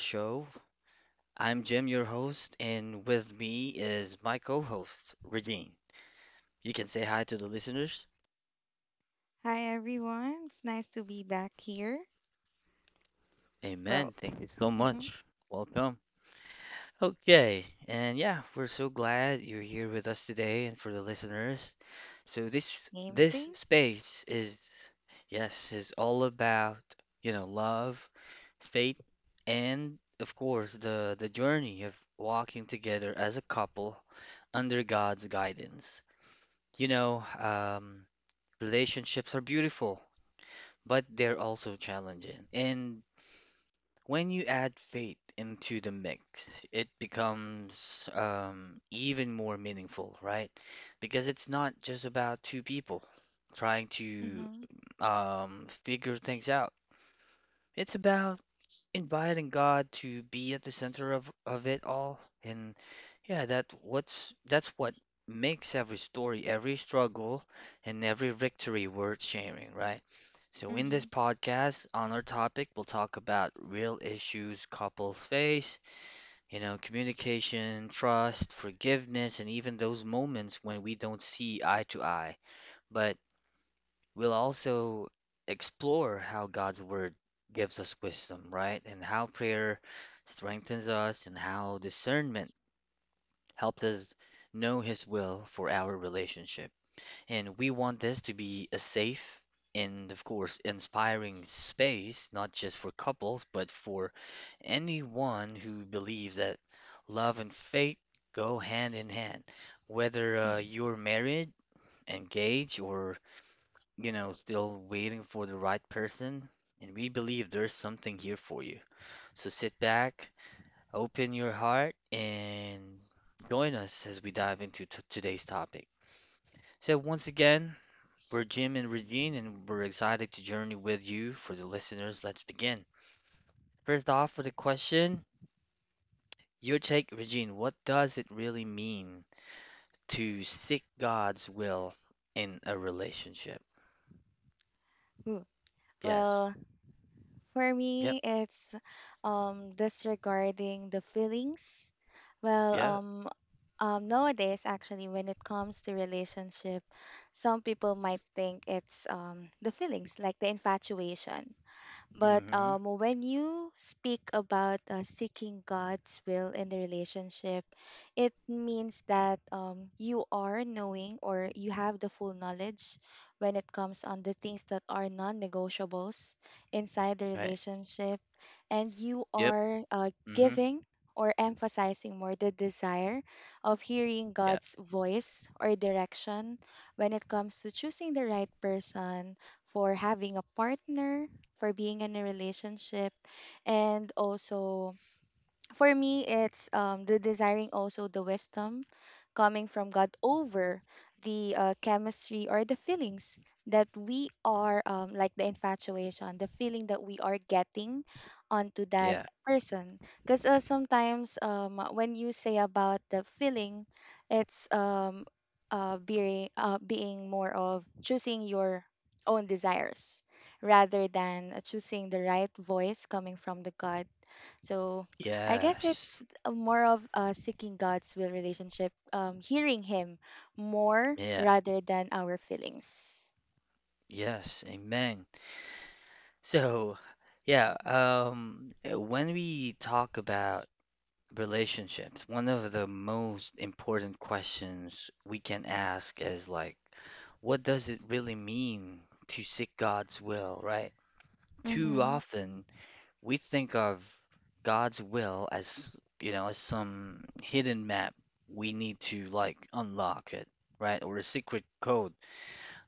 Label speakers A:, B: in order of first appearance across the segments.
A: Show. I'm Jim, your host, and with me is my co host, Regine. You can say hi to the listeners.
B: Hi everyone, it's nice to be back here.
A: Amen.
B: Well,
A: Thank you so
B: hmm
A: much. Welcome. Okay, and yeah, we're so glad you're here with us today and for the listeners. So this
B: same
A: this
B: thing.
A: space is, yes, it's all about, you know, love, faith, and of course the journey of walking together as a couple under God's guidance. You know, relationships are beautiful, but they're also challenging. And when you add faith into the mix, it becomes even more meaningful, right? Because it's not just about two people trying to
B: Mm-hmm,
A: figure things out. It's about inviting God to be at the center of it all. And yeah, that's what makes every story, every struggle, and every victory worth sharing, right? So in this
B: mm-hmm.
A: podcast, on our topic, we'll talk about real issues couples face, you know, communication, trust, forgiveness, and even those moments when we don't see eye to eye. But we'll also explore how God's word gives us wisdom, right? And how prayer strengthens us, and how discernment helps us know His will for our relationship. And we want this to be a safe and, of course, inspiring space, not just for couples, but for anyone who believes that love and faith go hand in hand. Whether
B: hmm
A: you're married, engaged, or, you know, still waiting for the right person, and we believe there's something here for you. So sit back, open your heart, and join us as we dive into today's topic. So, once again, we're Jim and Regine, and we're excited to journey with you. For the listeners, let's begin. First off, with a question, your take, Regine: what does it really mean to seek God's will in a relationship? Yes.
B: Well, for
A: Yep.
B: me, it's disregarding the feelings. Well,
A: Yeah.
B: nowadays actually, when it comes to relationship, some people might think it's the feelings, like the infatuation. But
A: Mm-hmm.
B: when you speak about seeking God's will in the relationship, it means that you are knowing or you have the full knowledge when it comes on the things that are non-negotiables inside the
A: Right.
B: relationship, and you
A: Yep.
B: are
A: Mm-hmm.
B: giving or emphasizing more the desire of hearing
A: Yeah.
B: God's voice or direction when it comes to choosing the right person for having a partner, for being in a relationship. And also for me, it's the desiring also the wisdom coming from God over the chemistry or the feelings that we are like the infatuation, the feeling that we are getting onto that
A: Yeah.
B: person. Because sometimes, when you say about the feeling, it's being more of choosing your own desires rather than choosing the right voice coming from the God. So I guess
A: Yes.
B: it's a more of seeking God's will relationship, hearing Him more
A: Yeah.
B: rather than our feelings.
A: Yes. Amen. So, yeah, when we talk about relationships, one of the most important questions we can ask is, like, what does it really mean to seek God's will, right? Too
B: Mhm.
A: often we think of God's will as, you know, as some hidden map we need to, like, unlock it, right? Or a secret code.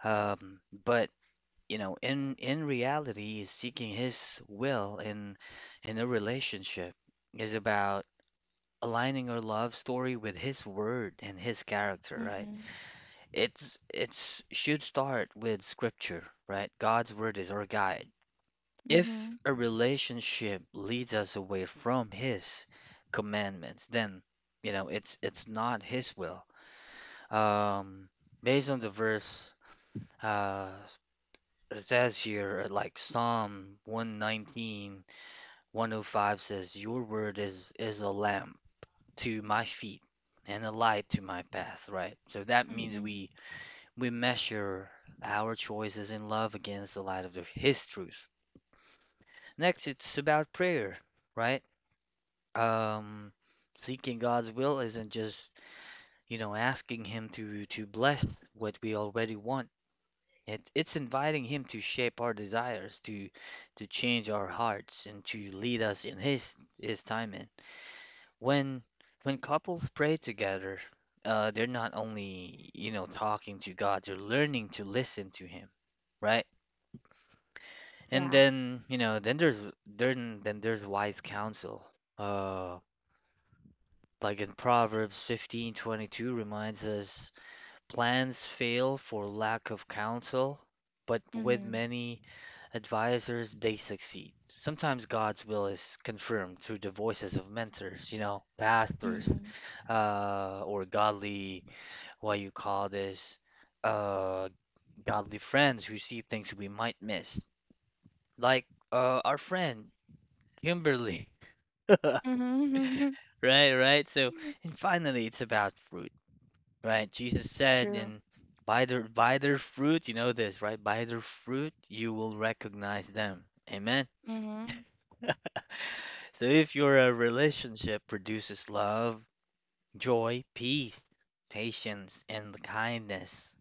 A: Um, but, you know, in reality, seeking His will in a relationship is about aligning our love story with His word and His character, right?
B: Mhm.
A: It's should start with Scripture, right? God's word is our guide. If
B: Mhm.
A: a relationship leads us away from His commandments, then, you know, it's not His will. Um, Based on the verse. Uh, Says here, like Psalm one nineteen one o five says, your word is a lamp to my feet and a light to my path, right? So that means
B: Mhm.
A: we measure our choices in love against the light of the, His truth. Next, it's about prayer, right? Um, Seeking God's will isn't just, you know, asking Him to bless what we already want. It's inviting Him to shape our desires, to change our hearts, and to lead us in His timing. When when couples pray together, they're not only, talking to God, they're learning to listen to Him, right? And
B: Yeah.
A: then, there's wise counsel. Uh, like in Proverbs 15:22 reminds us, plans fail for lack of counsel, but with
B: Mhm.
A: many advisors, they succeed. Sometimes God's will is confirmed through the voices of mentors, you know, pastors,
B: Mhm.
A: or godly, what you call this, uh, godly friends who see things we might miss, like our friend Kimberly.
B: Mhm.
A: Right, right. So, and finally, it's about fruit, right? Jesus said,
B: True.
A: and by their fruit, you know this, right? By their fruit, you will recognize them. Amen.
B: Mhm.
A: So if your relationship produces love, joy, peace, patience, and kindness,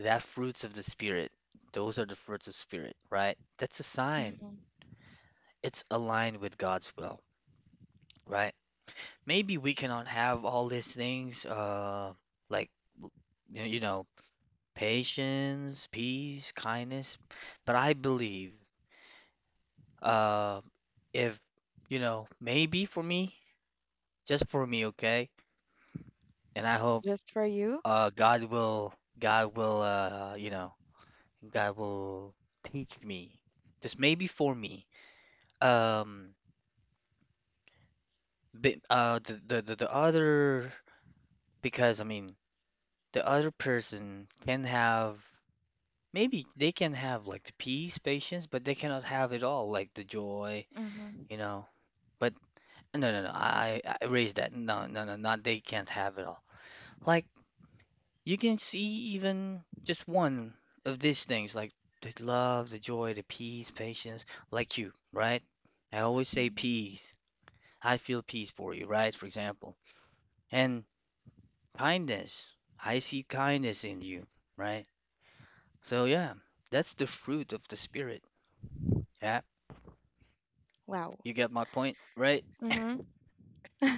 A: that fruits of the spirit, those are the fruits of Spirit, right? That's a sign.
B: Mhm.
A: It's aligned with God's will, right? Maybe we cannot have all these things, like w- you know, patience, peace, kindness, but I believe, uh, if you know, maybe for me, just for me, okay? And I hope
B: Just for you?
A: God will you know God will teach me, just maybe for me, um but, the other, because I mean the other person can have, maybe they can have, like, the peace, patience, but they cannot have it all, like the joy,
B: Mhm.
A: you know. But no, no, no, I erased that, no, no, no. Not they can't have it all, like. You can see even just one of these things, like the love, the joy, the peace, patience, like you, right? I always say
B: Mhm.
A: peace. I feel peace for you, right? For example. And kindness. I see kindness in you, right? So, yeah, that's the fruit of the Spirit. Yeah,
B: Wow.
A: you get my point, right?
B: Mhm.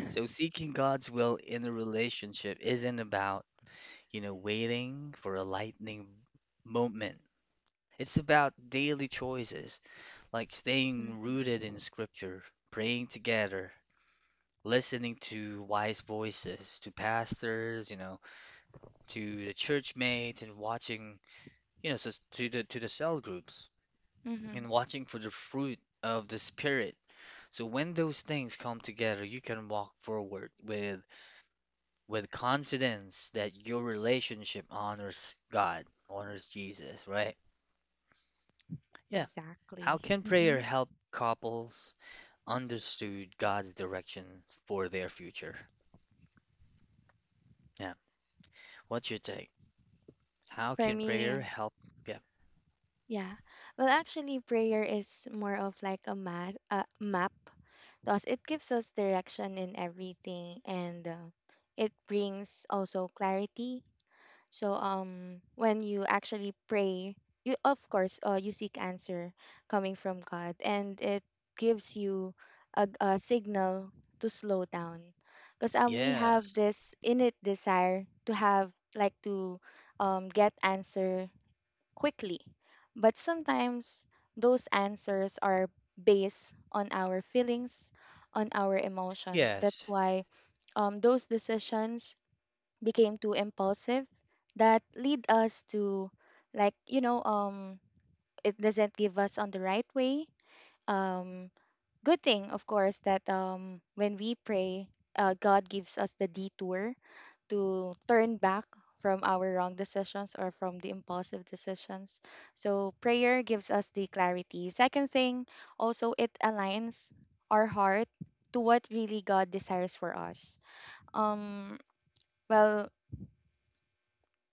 A: So, seeking God's will in a relationship isn't about, you know, waiting for a lightning moment. It's about daily choices, like staying
B: Mhm.
A: rooted in Scripture, praying together, listening to wise voices, to pastors, you know, to the church mates and watching, you know, so to the cell groups
B: Mhm.
A: and watching for the fruit of the Spirit. So when those things come together, you can walk forward with confidence that your relationship honors God, honors Jesus, right? Yeah. How
B: Exactly.
A: can prayer
B: Mhm.
A: help couples understood God's direction for their future? Yeah. What's your take? How
B: For
A: can prayer
B: me,
A: help? Yeah.
B: yeah. Well, actually, prayer is more of like a map to us. It gives us direction in everything, and it brings also clarity. So, when you actually pray, you, of course, you seek answer coming from God, and it gives you a signal to slow down, because we have
A: Yes.
B: this innate desire to have, like, to get answer quickly. But sometimes those answers are based on our feelings, on our emotions. That's
A: Yes.
B: why those decisions became too impulsive that lead us to, like, it doesn't give us on the right way, um good thing, of course, that when we pray, God gives us the detour to turn back from our wrong decisions or from the impulsive decisions. So prayer gives us the clarity. Second thing, also it aligns our heart to what really God desires for us. Um well,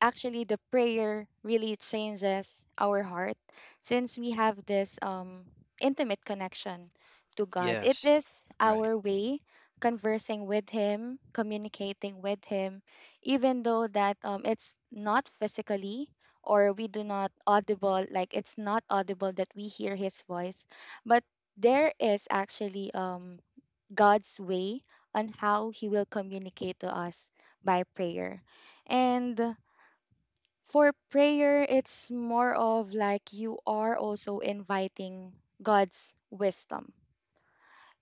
B: actually the prayer really changes our heart since we have this intimate connection to God. It
A: Yes.
B: is
A: Right.
B: our way conversing with him, communicating with him, even though that it's not physically or we do not audible, like it's not audible that we hear his voice, but there is actually God's way on how he will communicate to us by prayer. And for prayer, it's more of like you are also inviting God's wisdom.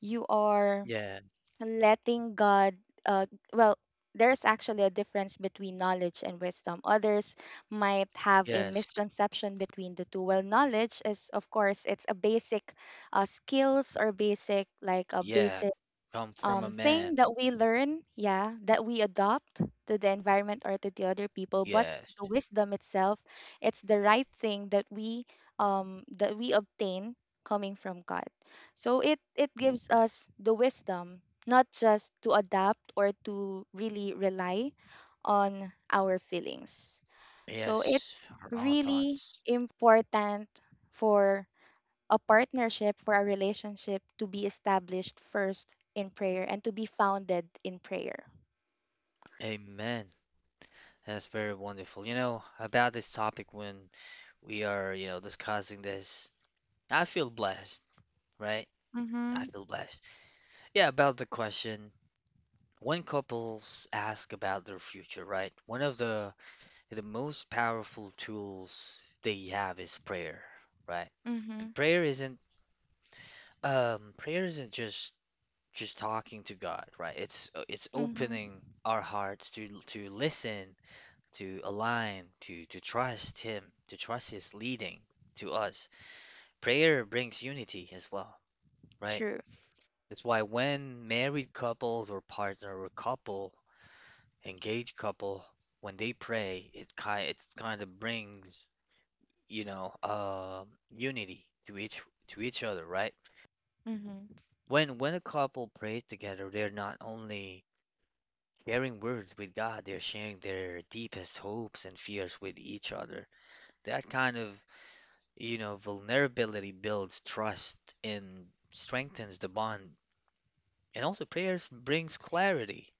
B: You are
A: Yeah.
B: letting God, uh, well, there's actually a difference between knowledge and wisdom. Others might have a
A: Yes.
B: misconception between the two. Well, knowledge is, of course, it's a basic skills or basic, like a
A: Yeah.
B: basic
A: Come from a
B: thing
A: man.
B: that we learn, yeah, that we adopt to the environment or to the other people. But
A: Yes.
B: the wisdom itself, it's the right thing that we obtain coming from God. So it gives us the wisdom not just to adapt or to really rely on our feelings. So
A: Yes.
B: it's
A: Our own
B: really
A: thoughts.
B: important for a partnership, for a relationship, to be established first in prayer and to be founded in prayer.
A: Amen. That's very wonderful. You know, about this topic, when we are, you know, discussing this, I feel blessed, right? I
B: Mhm.
A: feel blessed. Yeah, about the question, when couples ask about their future, right? One of the most powerful tools they have is prayer, right? The
B: Mhm.
A: prayer isn't just talking to God, right? It's
B: Mhm.
A: opening our hearts to listen, to align, to trust Him, to trust His leading to us. Prayer brings unity as well, right?
B: True.
A: That's why when married couples or partner or couple, engaged couple, when they pray, it kind of brings, you know, unity to each other, right?
B: Mhm.
A: When a couple prays together, they're not only sharing words with God, they're sharing their deepest hopes and fears with each other. That kind of, you know, vulnerability builds trust and strengthens the bond. And also prayers brings clarity,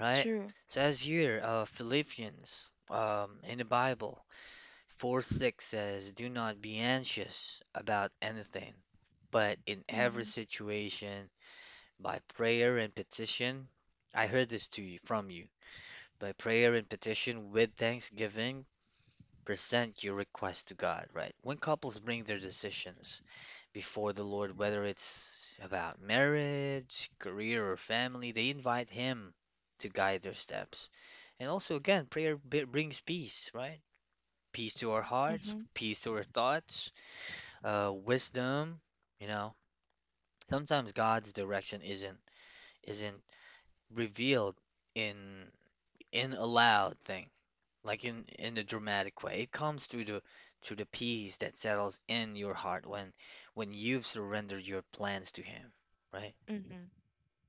A: right?
B: True.
A: Says here, Philippians, in the Bible, 4:6 says, do not be anxious about anything, but in every
B: Mhm.
A: situation, by prayer and petition, I heard this to you from you. By prayer and petition with thanksgiving, present your request to God, right? When couples bring their decisions before the Lord, whether it's about marriage, career, or family, they invite Him to guide their steps. And also, again, prayer brings peace, right? Peace to our hearts,
B: Mhm.
A: peace to our thoughts, wisdom. You know, sometimes God's direction isn't revealed in a loud thing, like in a dramatic way. It comes through the peace that settles in your heart when you've surrendered your plans to Him, right?
B: Mhm.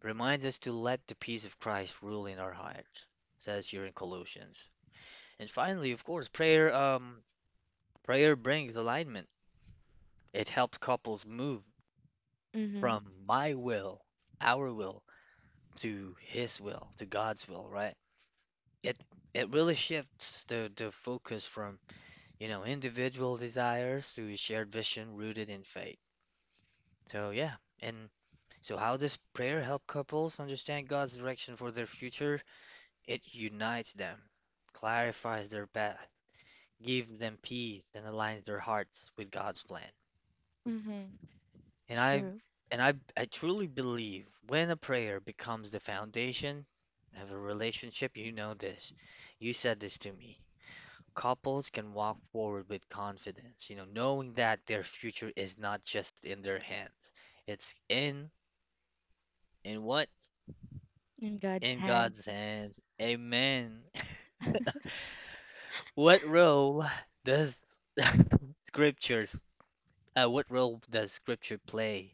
A: Remind us to let the peace of Christ rule in our hearts, says here in Colossians. And finally, of course, prayer brings alignment. It helps couples move
B: Mhm.
A: from my will, our will, to His will, to God's will, right? It it really shifts the focus from, you know, individual desires to a shared vision rooted in faith. So, yeah, and so how does prayer help couples understand God's direction for their future? It unites them, clarifies their path, gives them peace, and aligns their hearts with God's plan.
B: Mhm.
A: And I
B: True.
A: and I I truly believe when a prayer becomes the foundation of a relationship, you know this. You said this to me. Couples can walk forward with confidence, you know, knowing that their future is not just in their hands. It's in what?
B: In God's
A: In
B: hand.
A: God's hands. Amen. What role does scriptures what role does Scripture play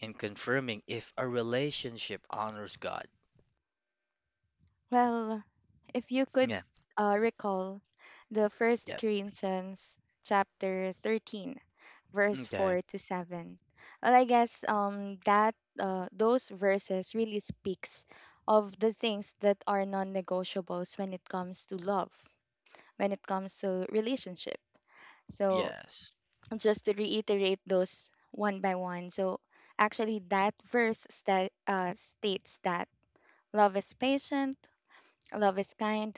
A: in confirming if a relationship honors God?
B: Well, if you could
A: Yeah.
B: recall the First
A: Yeah.
B: Corinthians chapter 13 verse
A: Okay.
B: 4 to 7. Well, I guess that those verses really speaks of the things that are non-negotiables when it comes to love, when it comes to relationship. So,
A: Yes.
B: just to reiterate those one by one. So, actually that verse states that love is patient, love is kind,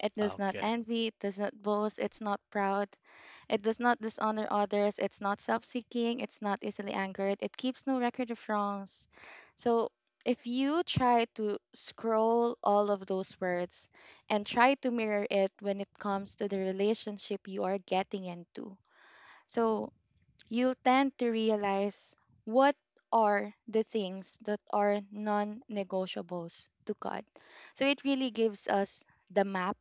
B: it does not
A: Okay.
B: envy, it does not boast, it's not proud, it does not dishonor others. It's not self seeking. It's not easily angered. It keeps no record of wrongs. So, if you try to scroll all of those words and try to mirror it when it comes to the relationship you are getting into, so you'll tend to realize what are the things that are non negotiables to God. So, it really gives us the map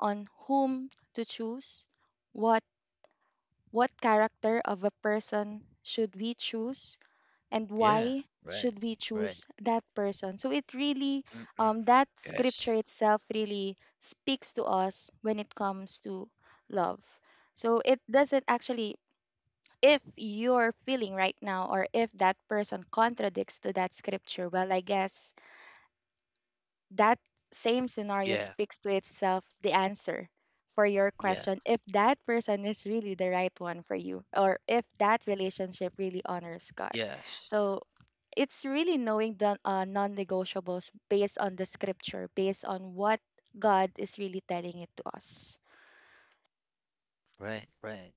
B: on whom to choose, what what character of a person should we choose and
A: Yeah.
B: why
A: Right.
B: should we
A: Right.
B: choose that person? So it really,
A: Mm-mm.
B: that
A: Yes.
B: scripture itself really speaks to us when it comes to love. So it doesn't actually, if you're feeling right now or if that person contradicts to that scripture, well, I guess that same scenario
A: Yeah.
B: speaks to itself the answer for your
A: Yeah.
B: question if that person is really the right one for you or if that relationship really honors God.
A: Yes.
B: So it's really knowing the non-negotiables based on the scripture, based on what God is really telling it to us.
A: Right. Right.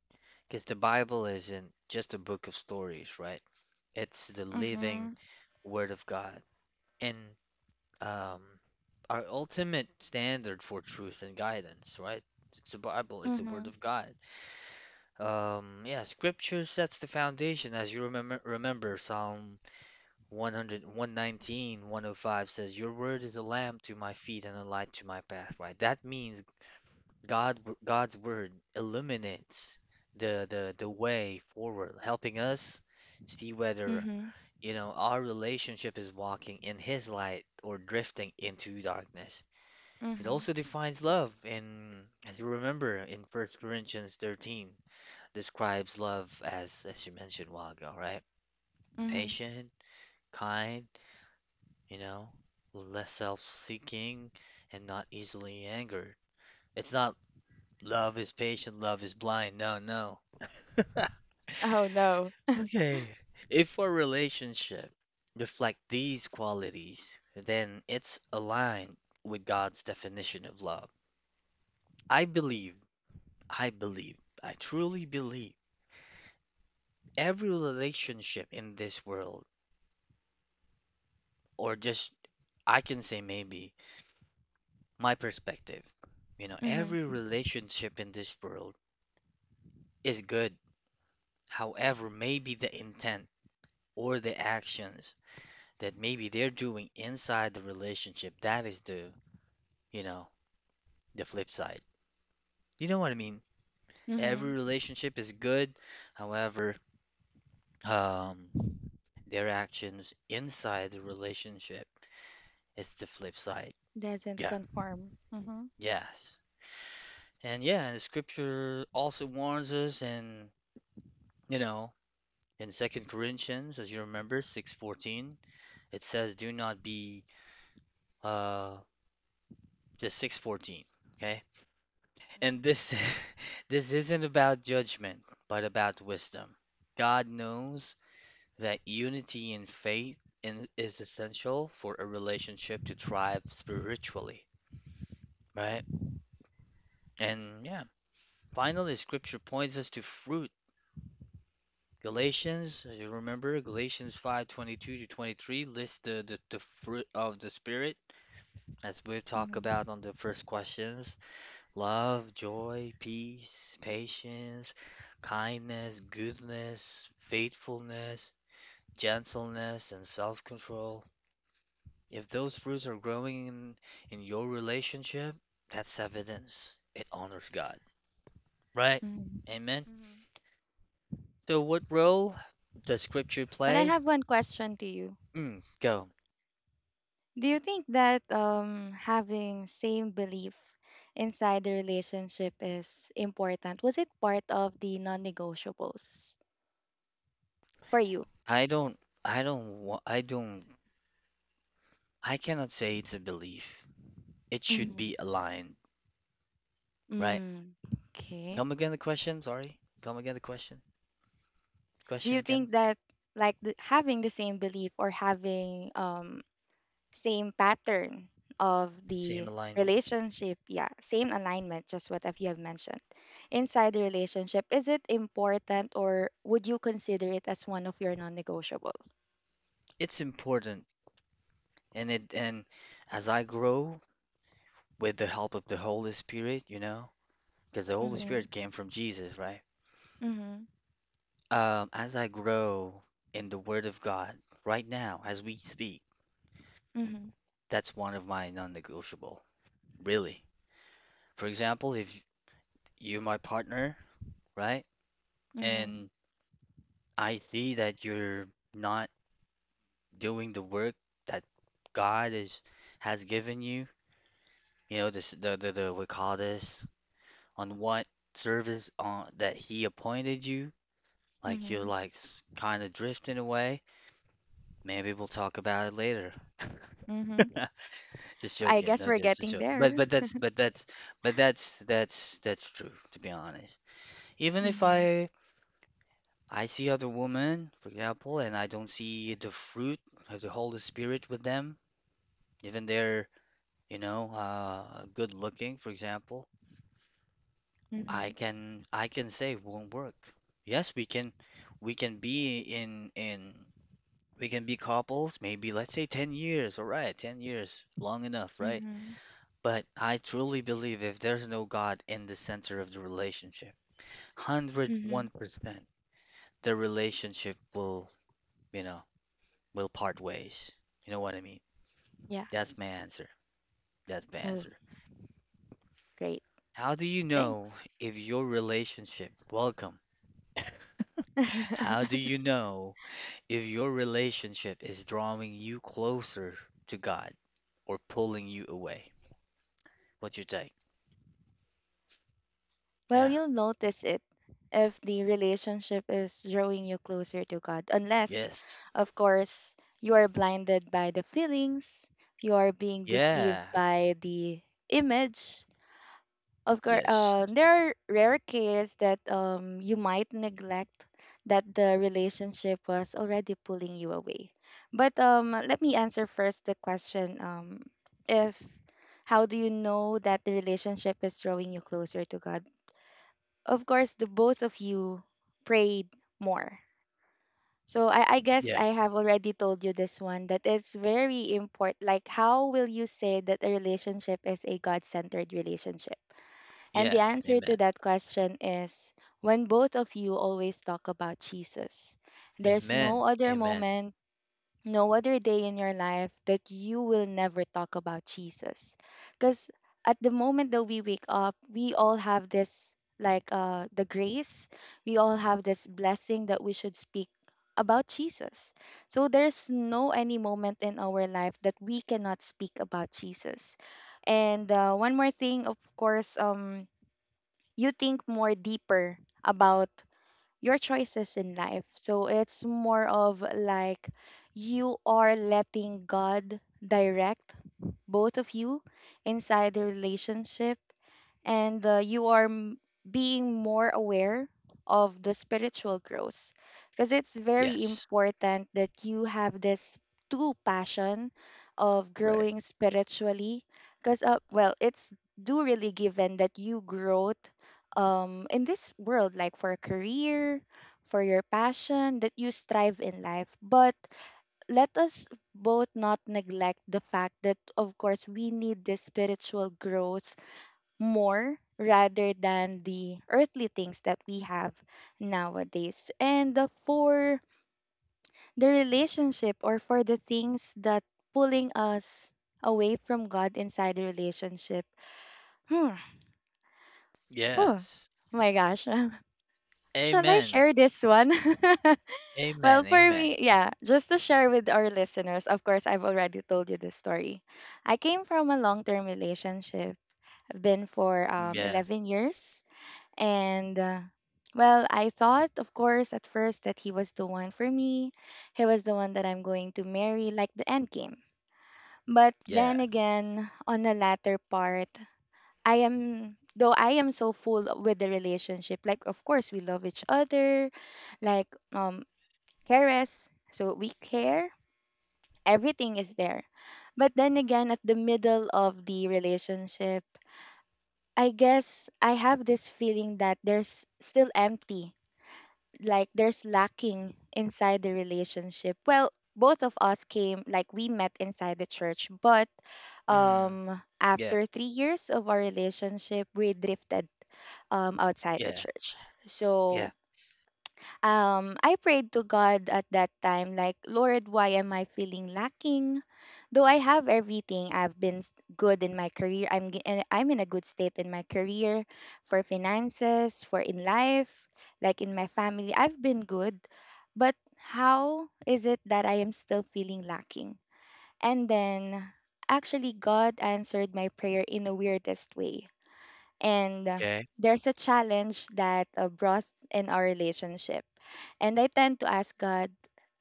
A: Because the Bible isn't just a book of stories, right? It's the living
B: Mm-hmm.
A: Word of God and um, our ultimate standard for truth and guidance, right? It's the Bible. It's the Word
B: Mm-hmm.
A: of God. Yeah, Scripture sets the foundation, as you remember. Remember Psalm 101, 19, 105 says, your word is a lamp to my feet and a light to my path, right? That means God, God's word illuminates the way forward, helping us see whether,
B: Mm-hmm.
A: you know, our relationship is walking in His light or drifting into darkness. It
B: Mm-hmm.
A: also defines love. And as you remember, in First Corinthians 13, describes love as you mentioned a while ago, right?
B: Mm-hmm.
A: Patient, kind, you know, less self-seeking and not easily angered. It's not love is patient, love is blind. No, no.
B: Oh no.
A: Okay. If a relationship reflect these qualities, then it's aligned with God's definition of love. I believe, I believe, I truly believe every relationship in this world, or just I can say maybe my perspective, you know,
B: Mm-hmm.
A: every relationship in this world is good. However, maybe the intent or the actions that maybe they're doing inside the relationship, that is the, you know, the flip side. You know what I mean? Every
B: Mm-hmm.
A: relationship is good. However, um, their actions inside the relationship is the flip side.
B: Doesn't
A: Yeah.
B: conform. Mm-hmm.
A: Yes. And yeah, and the scripture also warns us in, you know, in Second Corinthians, as you remember, 6:14, it says, "Do not be uh just 6:14." Okay? And this this isn't about judgment, but about wisdom. God knows that unity in faith is essential for a relationship to thrive spiritually, right? And yeah, finally, scripture points us to fruit. Galatians, you remember Galatians 5:22 to 23 lists the fruit of the spirit as we have talked
B: Mm-hmm.
A: about on the first questions. Love, joy, peace, patience, kindness, goodness, faithfulness, gentleness, and self-control. If those fruits are growing in your relationship, that's evidence. It honors God, right?
B: Mm-hmm.
A: Amen.
B: Mm-hmm.
A: So what role does scripture
B: But I
A: play?
B: have one question to you.
A: Mm, go.
B: Do you think that having same belief inside the relationship is important? Was it part of the non-negotiables for you?
A: I don't I don't I cannot say it's a belief. It should
B: Mm-hmm.
A: be aligned, right?
B: Mm, okay.
A: Come again the question, sorry. Come again the question.
B: Do
A: Question
B: you
A: again.
B: think that, like, the, having the same belief or having same pattern of
A: Same
B: the
A: alignment.
B: relationship, yeah, same alignment, just what have you have mentioned inside the relationship, is it important or would you consider it as one of your non-negotiable?
A: It's important, and it and as I grow with the help of the Holy Spirit, you know, because the Holy
B: Mm-hmm.
A: Spirit came from Jesus, right?
B: Mm-hmm.
A: As I grow in the Word of God right now, as we speak,
B: Mm-hmm.
A: that's one of my non-negotiable, really. For example, if you're my partner, right,
B: Mm-hmm.
A: and I see that you're not doing the work that God is has given you, you know, this the we call this on what service on that he appointed you. Like you're
B: Mm-hmm.
A: like kind of drifting away. Maybe we'll talk about it later.
B: Mm-hmm.
A: Just
B: I
A: joking.
B: guess
A: No,
B: we're
A: just
B: getting
A: joking.
B: there.
A: But that's but that's but that's true to be honest. Even if
B: Mm-hmm.
A: I see other women, for example, and I don't see the fruit of the Holy Spirit with them, even they're you know good looking, for example, I
B: Mm-hmm.
A: can I can say won't work. Yes, we can be in we can be couples maybe let's say 10 years, all right, 10 years, long enough, right?
B: Mm-hmm.
A: But I truly believe if there's no God in the center of the relationship,
B: Mm-hmm.
A: 101% the relationship will, you know, will part ways. You know what I mean?
B: Yeah.
A: That's my answer. That's my
B: Oh
A: answer.
B: great,
A: How do you know
B: thanks.
A: if your relationship, welcome. How do you know if your relationship is drawing you closer to God or pulling you away, what you take?
B: Well,
A: Yeah.
B: you'll notice it if the relationship is drawing you closer to God. Unless,
A: Yes.
B: of course, you are blinded by the feelings, you are being deceived
A: Yeah.
B: by the image. Of course,
A: Yes.
B: there are rare cases that you might neglect that the relationship was already pulling you away. But let me answer first the question, if how do you know that the relationship is drawing you closer to God? Of course, the both of you prayed more. So I guess
A: Yeah.
B: I have already told you this one that it's very important. Like, how will you say that a relationship is a God centered relationship? And the
A: Yeah.
B: answer to
A: Amen.
B: that question is when both of you always talk about Jesus. There's no
A: Amen.
B: other
A: Amen.
B: moment, no other day in your life that you will never talk about Jesus. Because at the moment that we wake up, we all have this, like, the grace, we all have this blessing that we should speak about Jesus. So there's no any moment in our life that we cannot speak about Jesus. And one more thing, of course, you think more deeper about your choices in life. So it's more of like you are letting God direct both of you inside the relationship, and you are being more aware of the spiritual growth because it's very
A: Yes.
B: important that you have this two passion of
A: Right.
B: growing spiritually. Because well, it's do really given that you growth in this world, like for a career, for your passion that you strive in life. But let us both not neglect the fact that, of course, we need this spiritual growth more rather than the earthly things that we have nowadays. And for the relationship or for the things that pulling us away from God inside the relationship. Hmm. Oh
A: Yes.
B: my gosh. Shall I
A: Amen.
B: share this one? Well,
A: Amen.
B: for
A: Amen.
B: me, yeah, just to share with our listeners, of course, I've already told you this story. I came from a long term relationship. I've been for
A: Yeah.
B: 11 years. And well, I thought, of course, at first that he was the one for me. He was the one that I'm going to marry, like the end game. But
A: Yeah.
B: then again, on the latter part, though I am so full with the relationship, like, of course, we love each other, like, um, cares, so we care, everything is there. But then again, at the middle of the relationship, I guess I have this feeling that there's still empty, like there's lacking inside the relationship. Well, both of us came, like we met inside the church, but
A: Mm. Yeah.
B: after 3 years of our relationship we drifted outside the
A: Yeah.
B: church.
A: Yeah.
B: So I prayed to God at that time, like, Lord, why am I feeling lacking? Though I have everything, I've been good in my career. I'm in a good state in my career, for finances, for in life, like in my family. I've been good, but how is it that I am still feeling lacking? And then, actually, God answered my prayer in the weirdest way. And
A: Okay.
B: there's a challenge that brought in our relationship and I tend to ask God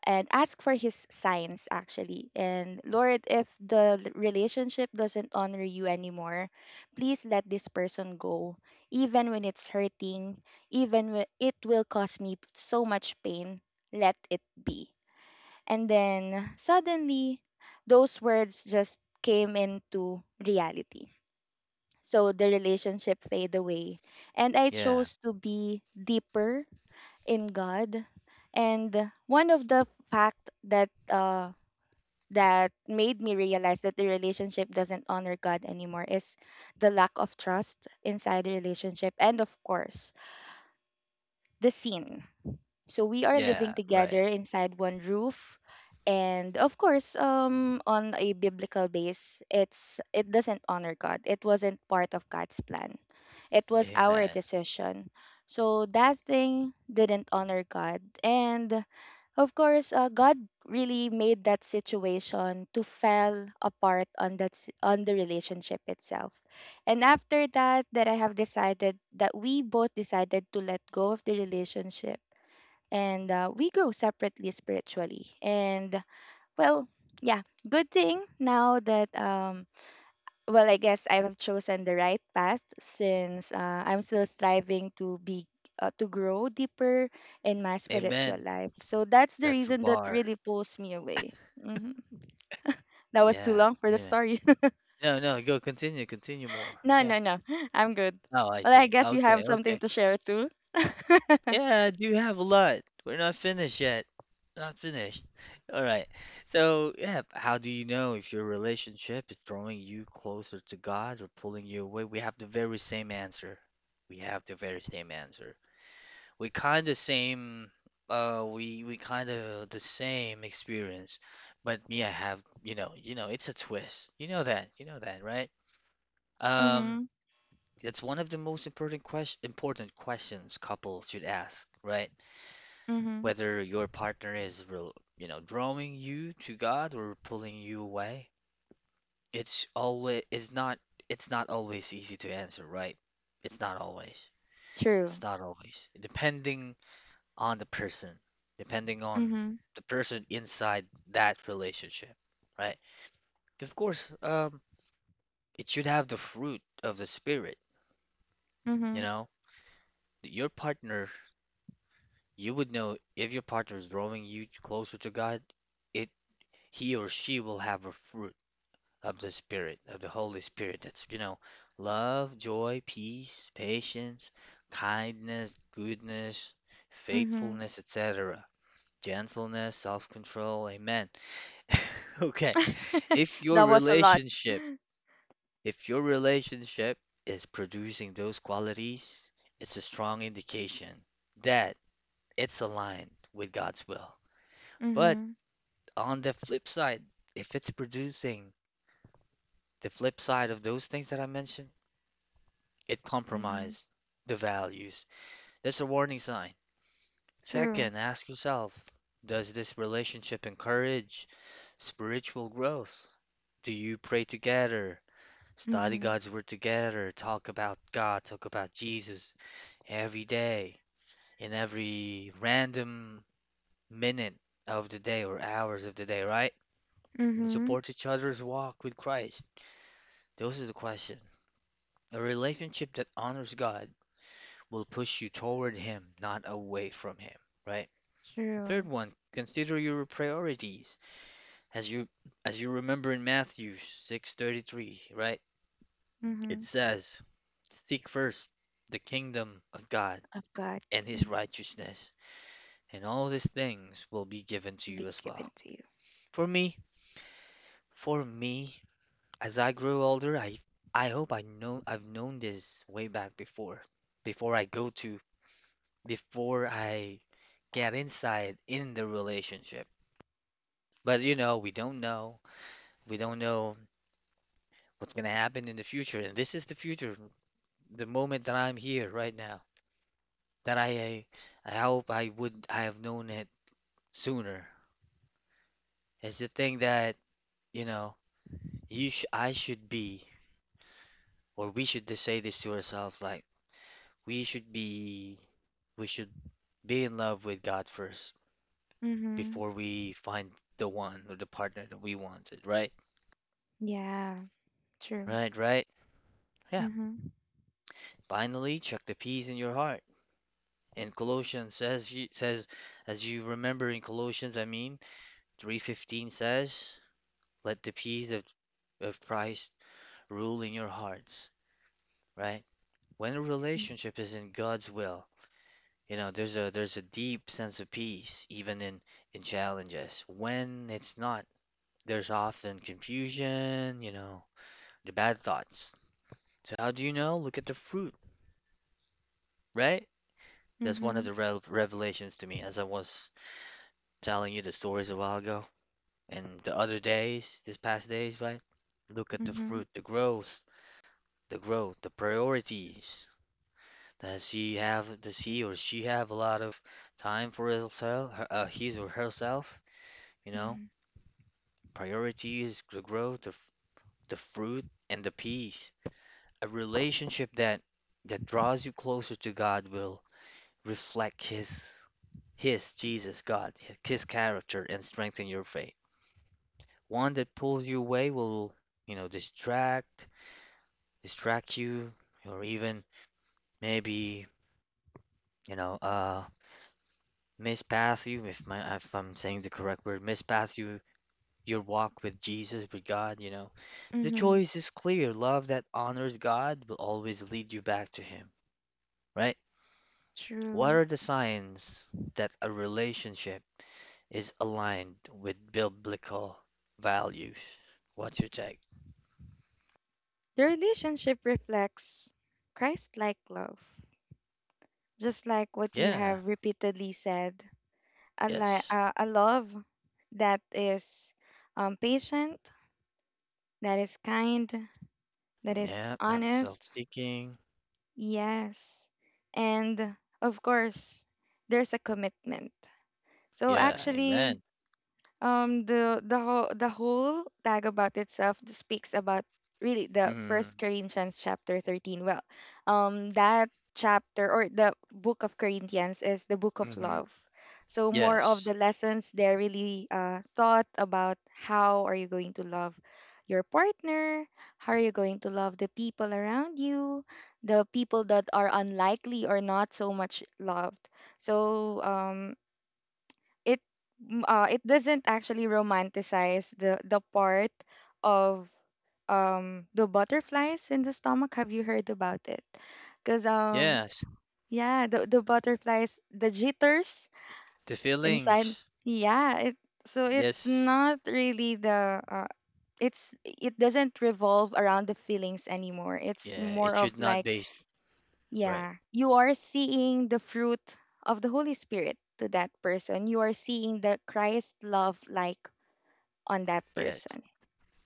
B: and ask for his signs actually. And Lord, if the relationship doesn't honor you anymore, please let this person go, even when it's hurting, even when it will cause me so much pain, let it be. And then suddenly, those words just came into reality. So the relationship fade away. And I
A: Yeah.
B: chose to be deeper in God. And one of the fact that made me realize that the relationship doesn't honor God anymore is the lack of trust inside the relationship and of course the sin. So we are living
A: Yeah.
B: together
A: Right.
B: inside one roof. And of course, on a biblical base, it doesn't honor God. It wasn't part of God's plan. It was our
A: Amen.
B: decision. So that thing didn't honor God. And of course, God really made that situation to fall apart on the relationship itself. And after that, that I have decided that we both decided to let go of the relationship, and we grow separately spiritually. And well, yeah, good thing now that well, I guess I have chosen the right path since I'm still striving to be to grow deeper in my spiritual
A: Amen.
B: life. So that's the
A: That's the
B: reason that
A: bar.
B: really pulls me away. hmm That was too
A: Yeah.
B: long for the
A: Amen.
B: story.
A: No, no, go continue, continue more.
B: No,
A: Yeah.
B: no, no. I'm good.
A: Oh, I
B: Well, I
A: see.
B: guess you
A: Okay,
B: have
A: okay.
B: something to share too.
A: Yeah, I do have a lot. We're not finished yet. Not finished. All right. So, yeah, how do you know if your relationship is drawing you closer to God or pulling you away? We have the very same answer. We have the very same answer. We kind of same we kind of the same experience. But me, I have, you know, it's a twist. You know that. You know that, right? Um
B: Mhm.
A: It's one of the most important question important questions couples should ask, right?
B: Mhm.
A: Whether your partner is real, you know, drawing you to God or pulling you away. It's always it's not always easy to answer, right? It's not always.
B: True.
A: It's not always. Depending on the person, depending on
B: Mhm.
A: the person inside that relationship, right? Of course, it should have the fruit of the spirit, you
B: Mhm.
A: know? Your partner. You would know if your partner is drawing you closer to God, it he or she will have a fruit of the Spirit, of the Holy Spirit. That's, you know, love, joy, peace, patience, kindness, goodness,
B: Mhm.
A: faithfulness, etc. Gentleness, self-control. Amen. Okay. If your
B: That was a lot.
A: relationship, if your relationship is producing those qualities, it's a strong indication that it's aligned with God's will. But
B: Mhm.
A: on the flip side, if it's producing the flip side of those things that I mentioned, it
B: Mhm.
A: compromised the values. That's a warning sign.
B: True.
A: Second, ask yourself, does this relationship encourage spiritual growth? Do you pray together, study
B: Mhm.
A: God's word together, talk about God, talk about Jesus every day, in every random minute of the day or hours of the day, right? And
B: Mhm.
A: support each other's walk with Christ. Those are the question. A relationship that honors God will push you toward Him, not away from Him, right? The third
B: True.
A: one, consider your priorities. As you as you remember in Matthew 6:33, right? It
B: Mhm.
A: says, "Seek first the kingdom of God
B: Of God,
A: and his
B: mm,
A: righteousness, and all these things will be given to you
B: be
A: as
B: given
A: well."
B: to you.
A: For me, for me, as I grew older, I hope I know I've known this way back before before I go to before I get inside in the relationship. But you know, we don't know. We don't know what's going to happen in the future. And this is the future, the moment that I'm here right now. That I hope I would I have known it sooner. It's the thing that, you know, you sh I should be or we should just say this to ourselves like we should be we should be in love with God first
B: Mhm.
A: before we find the one or the partner that we wanted, right?
B: Yeah. True.
A: Right, right. Yeah.
B: Mhm.
A: Finally, check the peace in your heart. In Colossians says you says as you remember in Colossians, I mean, 3:15 says, let the peace of Christ rule in your hearts, right? When a
B: Mm,
A: relationship is in God's will, you know, there's a deep sense of peace even in challenges. When it's not, there's often confusion, you know, the bad thoughts. So how do you know? Look at the fruit, right? That's one of
B: Mhm.
A: the revelations to me as I was telling you the stories a while ago. And the other days, this past days, right? Look at the
B: Mhm.
A: fruit, the growth, the growth, the priorities. Does he have, does he or she have a lot of time for herself, his or herself? You know,
B: Mhm.
A: priorities, the growth, the fruit, and the peace. A relationship that draws you closer to God will reflect His Jesus, God, His character, and strengthen your faith. One that pulls you away will, you know, distract you, or even maybe, you know, mispath you, if I'm saying the correct word, mispath you, your walk with Jesus, with God, you know. The
B: Mhm.
A: choice is clear. Love that honors God will always lead you back to Him, right? What
B: True.
A: are the signs that a relationship is aligned with biblical values? What's your take?
B: The relationship reflects Christ-like love, just like what you
A: Yeah,
B: have repeatedly said. A li-
A: yes.
B: uh, a love that is patient, that is kind, that is
A: Yeah, not
B: honest.
A: self-seeking.
B: Yes. And of course, there's a commitment. So
A: Yeah,
B: actually,
A: amen.
B: the whole tag about itself speaks about really the
A: Mm,
B: First Corinthians chapter 13. Well, that chapter, or the book of Corinthians, is the book of
A: mm-hmm.
B: love. So more of
A: Yes,
B: the lessons there really thought about how are you going to love your partner, how are you going to love the people around you, the people that are unlikely or not so much loved. So it it doesn't actually romanticize the part of the butterflies in the stomach. Have you heard about it? Because
A: yes.
B: yeah, the butterflies, the jitters
A: The
B: inside.
A: feelings.
B: Yeah. it so it's
A: Yes,
B: not really the it's it doesn't revolve around the feelings anymore. It's
A: yeah. It
B: more of
A: should not
B: like,
A: be right.
B: yeah, you are seeing the fruit of the Holy Spirit to that person. You are seeing the Christ love like on that
A: Yes,
B: person.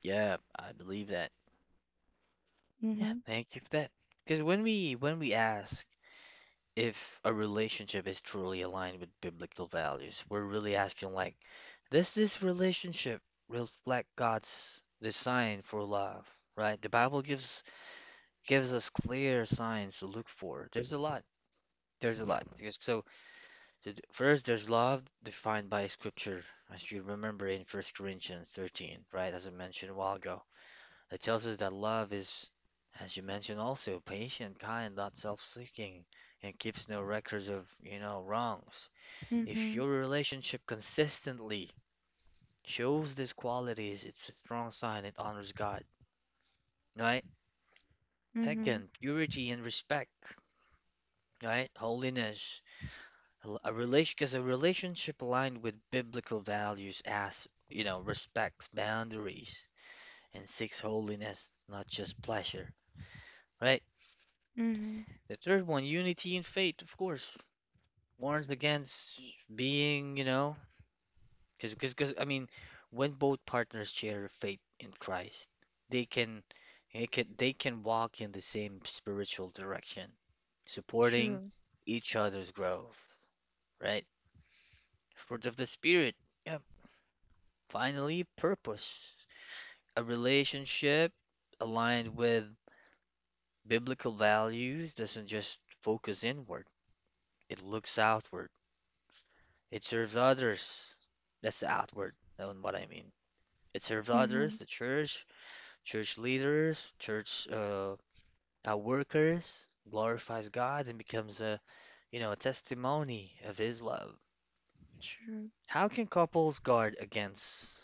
A: yeah. I believe that. Yeah,
B: Mhm.
A: thank you for that. Because when we ask if a relationship is truly aligned with biblical values, we're really asking like, does this relationship reflect God's design for love? Right? The Bible gives us clear signs to look for. There's a lot. There's a lot. Because so. So th- First, there's love defined by Scripture, as you remember in 1 Corinthians 13, right? As I mentioned a while ago, that tells us that love is, as you mentioned also, patient, kind, not self-seeking, and keeps no records of, you know, wrongs. If
B: Mhm.
A: your relationship consistently shows these qualities, it's a strong sign it honors God, right?
B: Mhm.
A: Second, purity and respect, right? Holiness. A relation, because a relationship aligned with biblical values as, you know, respects boundaries and seeks holiness, not just pleasure, right?
B: Mhm.
A: The third one, unity in faith, of course, warns against being, you know, I mean, when both partners share faith in Christ, they can, they can walk in the same spiritual direction, supporting
B: True.
A: each other's growth, right? Fruit of the Spirit. Yeah, finally, purpose. A relationship aligned with biblical values doesn't just focus inward, it looks outward. It serves others. That's the outward, that's what I mean. It serves others,
B: Mhm.
A: the church, church leaders, church workers, glorifies God and becomes a, you know, a testimony of His love.
B: True.
A: How can couples guard against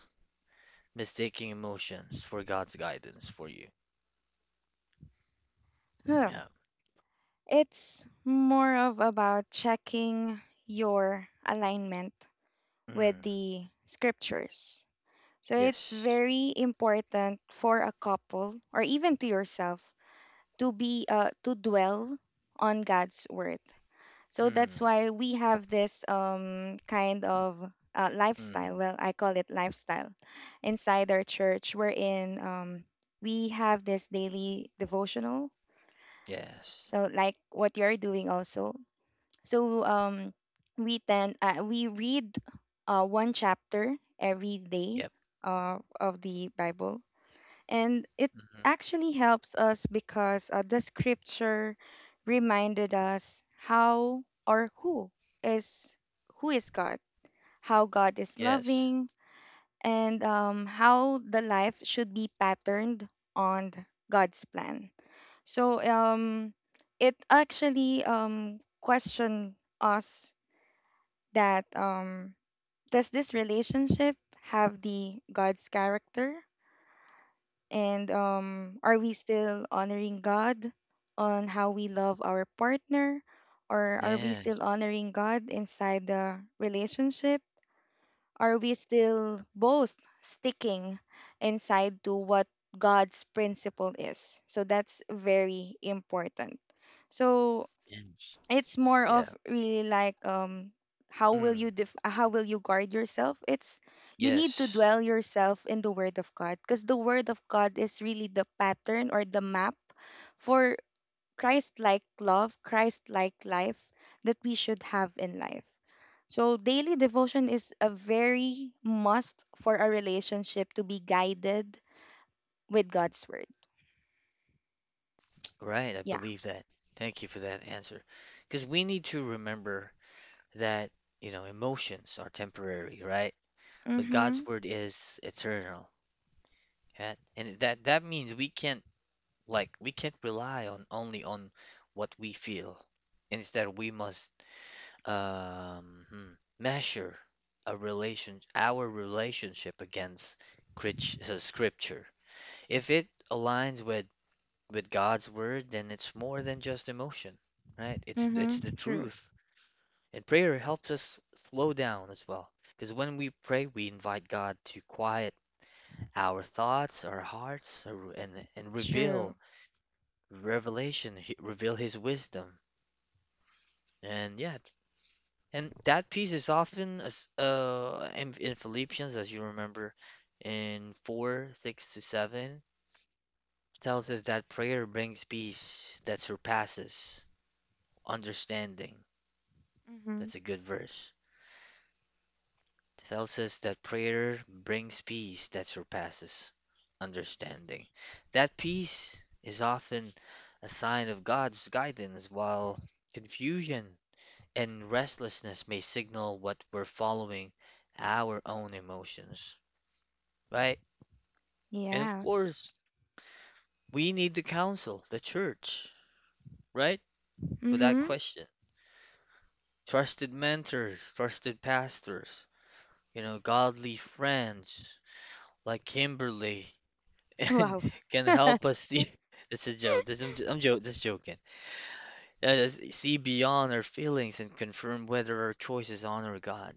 A: mistaking emotions for God's guidance for you?
B: Huh.
A: Yeah.
B: It's more of about checking your alignment with
A: Mm.
B: the scriptures. So it's
A: Yes.
B: very important for a couple or even to yourself to be to dwell on God's word. So that's
A: Mm,
B: why we have this kind of lifestyle.
A: mhm.
B: Well, I call it lifestyle inside our church, wherein we have this daily devotional.
A: Yes.
B: So, like what you're doing also. So, we tend. We read one chapter every day
A: Yep.
B: of the Bible, and it
A: Hmm.
B: actually helps us because the scripture reminded us how, or is who is God, how God is
A: Yes.
B: loving, and how the life should be patterned on God's plan. So it actually question us that, does this relationship have the God's character? And are we still honoring God on how we love our partner? Or are we
A: Yeah.
B: still honoring God inside the relationship? Are we still both sticking inside to what God's principle is? So that's very important. So
A: Yes.
B: it's more of
A: Yeah.
B: really like how will you
A: Mm.
B: def- uh, how will you guard yourself. It's You need to
A: Yes.
B: dwell yourself in the word of God, because the word of God is really the pattern or the map for Christ-like love, Christ-like life, that we should have in life. So daily devotion is a very must for a relationship to be guided with God's word.
A: Right. I
B: Yeah.
A: believe that. Thank you for that answer. Because we need to remember that, you know, emotions are temporary, right? But God's
B: Mm-hmm.
A: word is eternal. Yeah? And that that means we can't rely on only on what we feel. Instead, we must um, hmm, measure a relation our relationship against scripture. If it aligns with God's word, then it's more than just emotion, right? It's the
B: Mm-hmm. True.
A: truth. And prayer helps us slow down as well, because when we pray, we invite God to quiet our thoughts, our hearts, and
B: True.
A: reveal His wisdom. And yeah, and that peace is often as in Philippians, as you remember, in 4:6-7, tells us that prayer brings peace that surpasses understanding.
B: Mm-hmm.
A: That's a good verse. Tells us that prayer brings peace that surpasses understanding. That peace is often a sign of God's guidance, while confusion and restlessness may signal what we're following our own emotions, right? And of course,
B: Yes.
A: we need the council, the church, right? For that
B: Mhm.
A: question. Trusted mentors, trusted pastors, you know, godly friends like Kimberly and
B: Wow.
A: can help us see. It's a joke. I'm joke, just joking. Let us see beyond our feelings and confirm whether our choices honor God.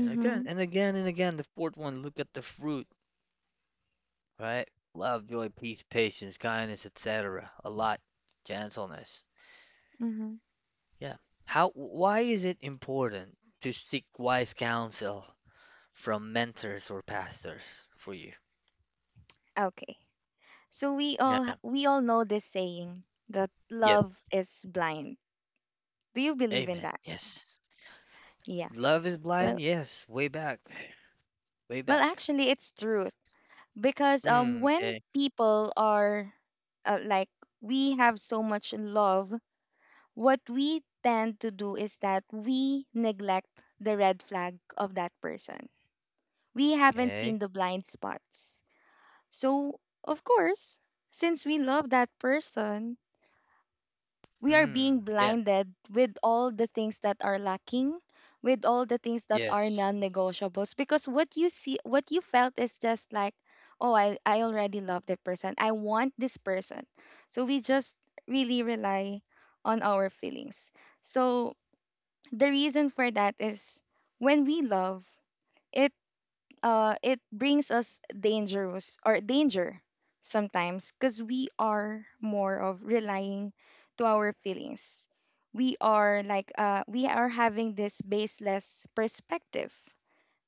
A: The fourth one, look at the fruit, right? Love, joy, peace, patience, kindness, etc. A lot. Gentleness.
B: Mhm.
A: Yeah. How, why is it important to seek wise counsel from mentors or pastors for you?
B: Okay. So we all ha-
A: Yeah.
B: we all know this saying that
A: Yep.
B: love is blind. Do you believe in
A: Amen.
B: that?
A: Yes.
B: Yeah.
A: Love is blind.
B: Well,
A: Yes. Way back. Way
B: well,
A: back.
B: actually it's truth, because
A: Mm,
B: when
A: okay.
B: people are like, we have so much love, what we tend to do is that we neglect the red flag of that person. We haven't seen
A: Okay.
B: the blind spots. So, of course, since we love that person, we are being
A: Mm, yeah.
B: blinded with all the things that are lacking, with all the things that are
A: Yes.
B: non-negotiables, because what you see, what you felt, is just like, oh, I already love that person. I want this person. So we just really rely on our feelings. So, the reason for that is when we love, it it brings us dangerous or danger sometimes, because we are more of relying to our feelings. We are like we are having this baseless perspective,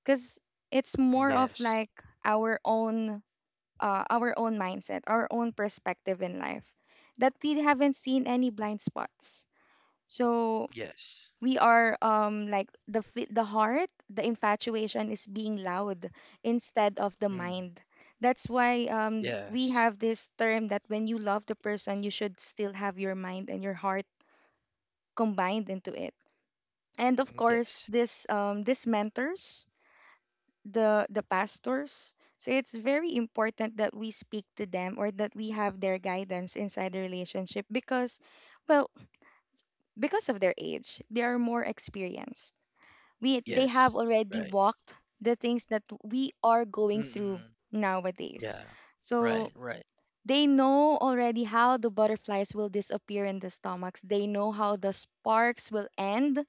B: because it's more of
A: Yes.
B: like our own, our own mindset, our own perspective in life, that we haven't seen any blind spots. So
A: Yes.
B: we are like, the heart, the infatuation is being loud instead of the
A: Mm,
B: mind. That's why we
A: yes.
B: have this term that when you love the person, you should still have your mind and your heart combined into it. And of
A: Mm,
B: course,
A: yes.
B: this mentors, the pastors. So it's very important that we speak to them, or that we have their guidance inside the relationship. Because well, because of their age, they are more experienced. We they have
A: Yes.
B: already
A: Right.
B: walked the things that we are going through
A: Mm-mm.
B: nowadays,
A: Yeah.
B: so
A: Right. Right.
B: they know already how the butterflies will disappear in the stomachs. They know how the sparks will end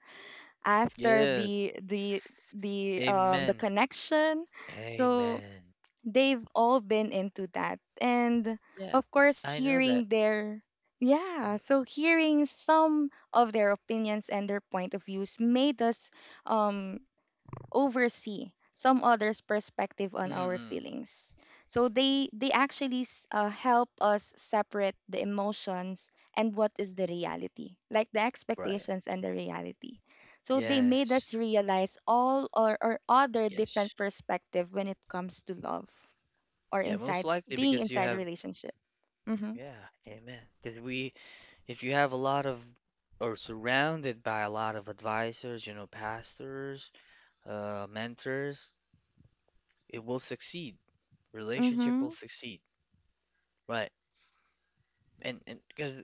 B: after
A: Yes.
B: the
A: Amen.
B: connection. So
A: Amen.
B: they've all been into that, and
A: Yeah.
B: of course,
A: I know that.
B: hearing their yeah,
A: Mhm.
B: so hearing some of their opinions and their point of views made us um oversee some others' perspective on our
A: Mm-mm.
B: feelings. So they actually help us separate the emotions and what is the reality, like the
A: Right.
B: expectations and the reality. So they made
A: Yes.
B: us realize all, or other
A: Yes.
B: different perspective when it comes to love, or
A: Yeah, most
B: inside,
A: likely
B: being
A: because you
B: inside a
A: have,
B: relationship. Mm-hmm.
A: yeah, amen. Because we, if you have a lot of, or surrounded by a lot of advisors, you know, pastors, mentors, it will succeed. Relationship will
B: Mm-hmm.
A: succeed. Right. And because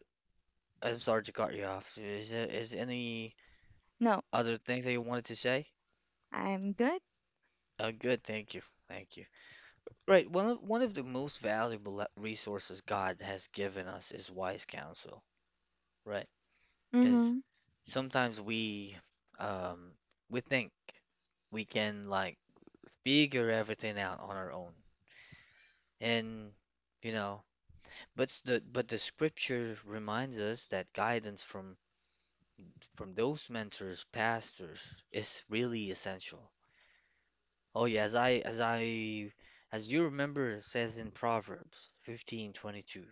A: I'm sorry to cut you off. Is there any
B: No,
A: other things that you wanted to say?
B: I'm good.
A: Good. Thank you. Thank you. Right, one of the most valuable resources God has given us is wise counsel, right? Because
B: Mm-hmm.
A: sometimes um we think we can like figure everything out on our own. And you know, but the scripture reminds us that guidance from those mentors, pastors is really essential. Oh yeah, as you remember it says in Proverbs 15:22.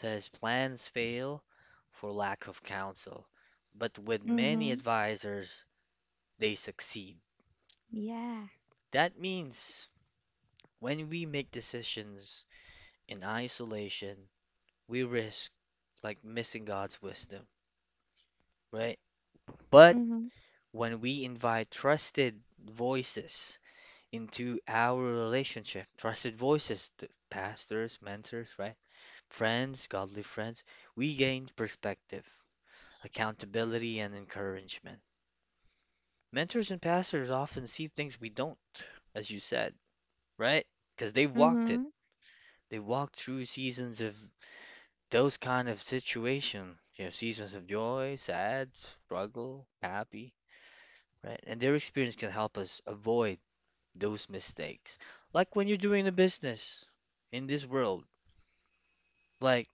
A: His plans fail for lack of counsel, but with many
B: Mm-hmm.
A: advisors, they succeed.
B: Yeah.
A: That means when we make decisions in isolation, we risk like missing God's wisdom, right? But
B: Mm-hmm.
A: when we invite trusted voices into our relationship, trusted voices, the pastors, mentors, right? Friends, godly friends, we gain perspective, accountability, and encouragement. Mentors and pastors often see things we don't, as you said, right? Because they've walked
B: Mm-hmm.
A: it. They walked through seasons of those kind of situation, you know, seasons of joy, sad, struggle, happy, right? And their experience can help us avoid those mistakes. Like when you're doing a business in this world, like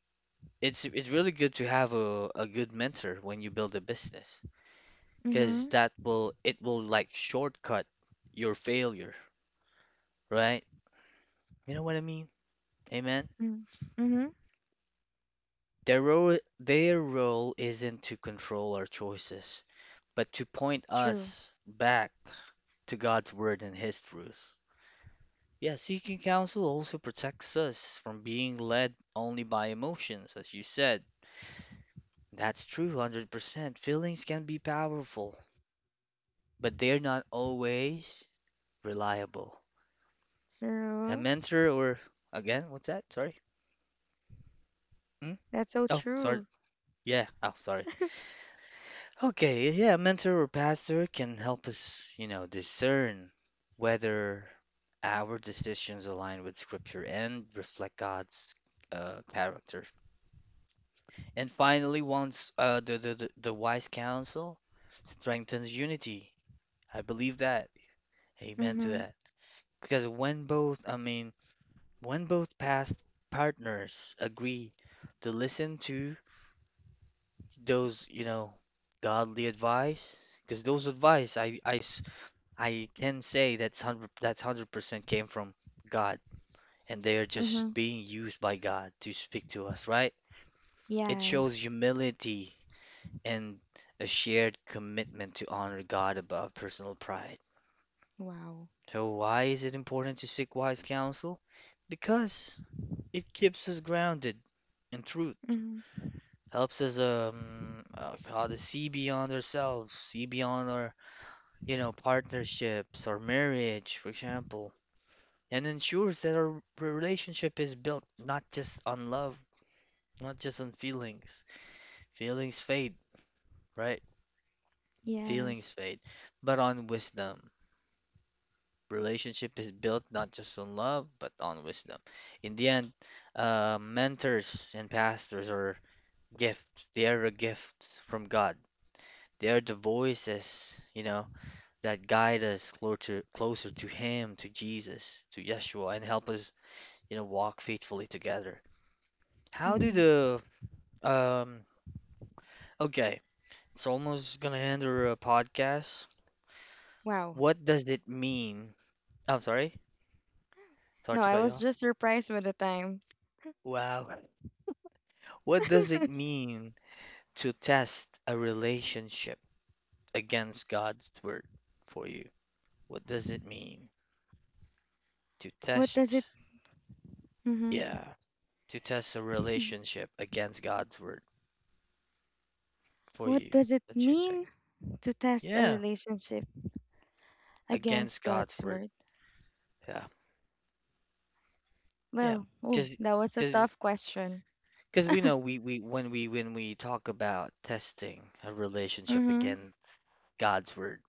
A: it's really good to have a good mentor when you build a business, because
B: Mm-hmm.
A: that will it will like shortcut your failure, right? You know what I mean? Amen.
B: Mm-hmm.
A: Their role isn't to control our choices, but to point
B: True.
A: us back to God's word and His truth. Yeah, seeking counsel also protects us from being led only by emotions, as you said. That's true, 100%. Feelings can be powerful, but they're not always reliable. A
B: True.
A: mentor or, again, what's that? Sorry. Hmm?
B: That's so
A: Oh, sorry.
B: true.
A: Yeah, oh, sorry. Okay, yeah, a mentor or pastor can help us, you know, discern whether our decisions align with scripture and reflect God's character. And finally, once the wise counsel strengthens unity. I believe that. Amen to
B: Mhm.
A: that. Because when both, I mean, when both past partners agree to listen to those, you know, godly advice, because those advice I can say that's 100% came from God, and they are just
B: Mhm.
A: being used by God to speak to us, right? It shows
B: Yes.
A: humility and a shared commitment to honor God above personal pride.
B: Wow.
A: So why is it important to seek wise counsel? Because it keeps us grounded in truth,
B: Mhm.
A: helps us how to see beyond ourselves, see beyond our you know partnerships or marriage, for example, and ensures that our relationship is built not just on love, not just on feelings. Feelings fade, right? Feelings
B: Yes.
A: fade, but on wisdom. Relationship is built not just on love, but on wisdom. In the end, mentors and pastors are gifts. They are a gift from God. They are the voices, you know, that guide us closer, closer to Him, to Jesus, to Yeshua, and help us, you know, walk faithfully together. How do
B: Mhm.
A: the Um, okay. It's almost gonna end our podcast.
B: Wow.
A: What does it mean? I'm sorry. Sorry
B: No,
A: to
B: I
A: cut you
B: was
A: off.
B: just surprised by the time.
A: Wow. What does it mean to test a relationship against God's word for you? What does it mean to
B: What does
A: test?
B: it Mhm.
A: Yeah, to test a
B: Hmm.
A: relationship against God's word for
B: What
A: you.
B: does it
A: Let you check.
B: mean to test a
A: Yeah,
B: relationship
A: against
B: against
A: God's
B: God's
A: word.
B: word?
A: Yeah, yeah.
B: Well,
A: Because
B: oh, that was a tough question.
A: Because we know we when we talk about testing a relationship
B: Mhm.
A: again, God's word,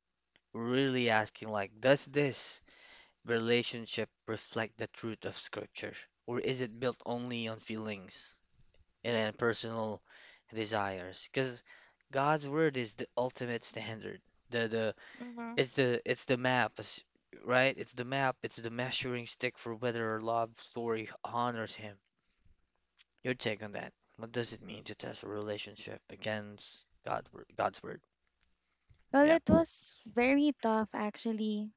A: we're really asking like, does this relationship reflect the truth of Scripture, or is it built only on feelings and then personal desires? Because God's word is the ultimate standard. The it's the map, it's- right? It's the map. It's the measuring stick for whether our love story honors Him. Your take on that. What does it mean to test a relationship against God's word?
B: Well,
A: Yeah.
B: it was very tough actually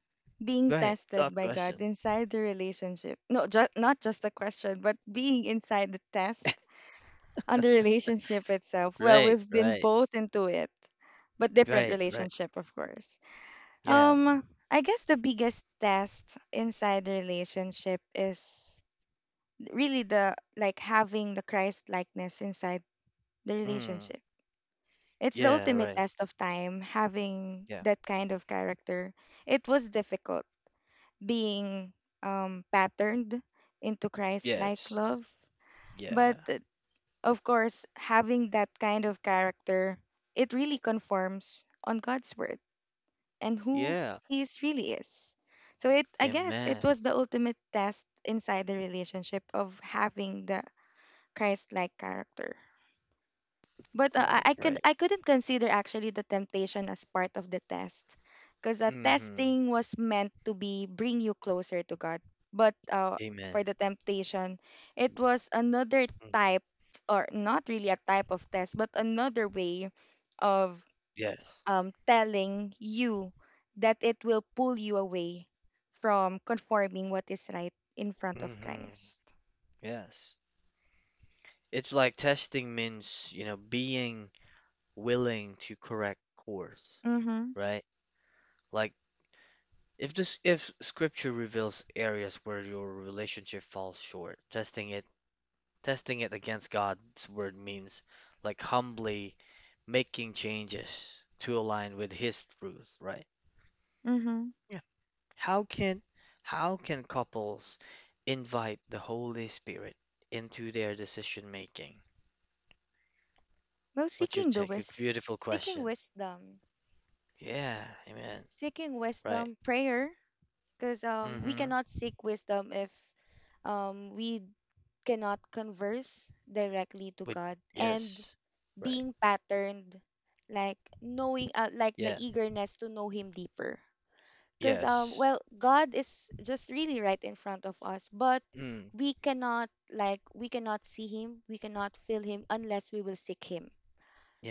B: being
A: Go ahead. Tough
B: tested by God
A: question.
B: inside the relationship. No, not just the question, but being inside the test on the relationship itself. Well,
A: Right,
B: we've been
A: right,
B: both into it, but different
A: right.
B: relationship, of course.
A: Yeah.
B: Um, I guess the biggest test inside the relationship is really the like having the Christ likeness inside the
A: Mm.
B: relationship. It's the
A: Yeah,
B: ultimate
A: right.
B: test of time having
A: Yeah.
B: that kind of character. It was difficult being patterned into Christ like
A: Yes.
B: love. But
A: Yeah.
B: of course, having that kind of character, it really conforms on God's word and who
A: Yeah.
B: He is really is. So it, I guess, it
A: Amen.
B: was the ultimate test inside the relationship of having the Christ-like character. But
A: Right,
B: I I could
A: right.
B: I couldn't consider actually the temptation as part of the test, because
A: Mm-hmm.
B: testing was meant to be bring you closer to God. But
A: Amen.
B: for the temptation, it was another
A: Mm.
B: type, or not really a type of test, but another way of
A: Yes.
B: telling you that it will pull you away from conforming what is right in front of
A: Mm-hmm.
B: Christ.
A: Yes. It's like testing means, you know, being willing to correct course,
B: Mm-hmm.
A: right? Like if this if scripture reveals areas where your relationship falls short, testing it against God's word means like humbly making changes to align with his truth, right?
B: Mm-hmm.
A: Yeah. How can how can couples invite the Holy Spirit into their decision making?
B: Well,
A: What's your
B: seeking the
A: take? A
B: wis,
A: beautiful
B: seeking
A: question.
B: wisdom.
A: Yeah, amen.
B: Seeking
A: Right.
B: wisdom. Prayer, because we
A: Mm-hmm.
B: cannot seek wisdom if we cannot converse directly to
A: With
B: God, and
A: yes. Right.
B: being patterned like knowing, like the
A: Yeah.
B: eagerness to know Him deeper, because
A: Yes.
B: well, God is just really right in front of us, but
A: Mm.
B: we cannot see Him, we cannot feel Him unless we will seek Him.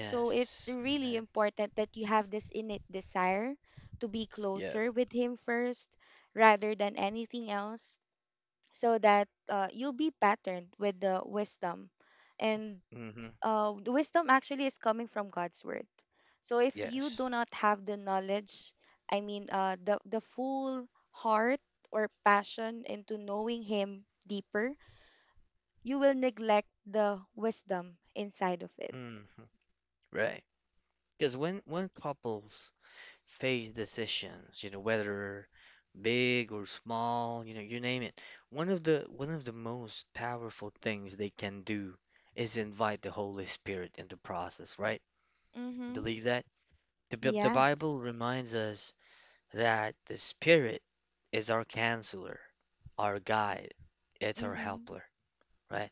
B: So it's really
A: Amen.
B: important that you have this innate desire to be
A: Yeah.
B: closer with Him first rather than anything else, so that you'll be patterned with the wisdom. And
A: Mm-hmm.
B: the wisdom actually is coming from God's Word. So if you
A: Yes.
B: do not have the knowledge, I mean, the full heart or passion into knowing Him deeper, you will neglect the wisdom inside of it.
A: Mm-hmm. Right. Because when couples face decisions, you know, whether big or small, you know, you name it, one of the most powerful things they can do is invite the Holy Spirit in the process, right?
B: Mm-hmm.
A: Believe that? The Bible
B: Yes.
A: reminds us that the Spirit is our counselor, our guide, it's our
B: Mm-hmm.
A: helper, right?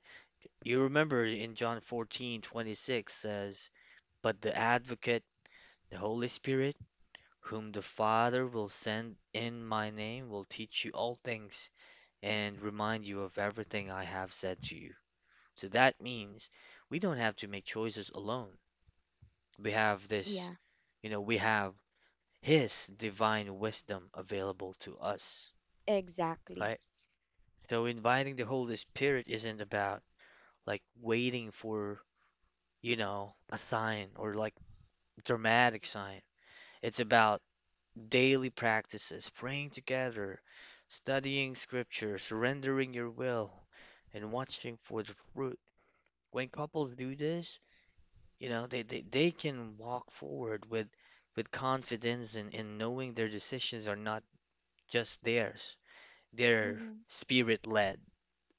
A: You remember in John 14:26 says, but the advocate, the Holy Spirit, whom the Father will send in my name, will teach you all things and remind you of everything I have said to you. So that means we don't have to make choices alone. We have this,
B: Yeah,
A: you know, we have His divine wisdom available to us,
B: exactly.
A: right? So inviting the Holy Spirit isn't about like waiting for, you know, a sign or like dramatic sign. It's about daily practices, praying together, studying scripture, surrendering your will, and watching for the fruit. When couples do this, you know, they can walk forward with confidence and in knowing their decisions are not just theirs. They're
B: Mm-hmm.
A: spirit led.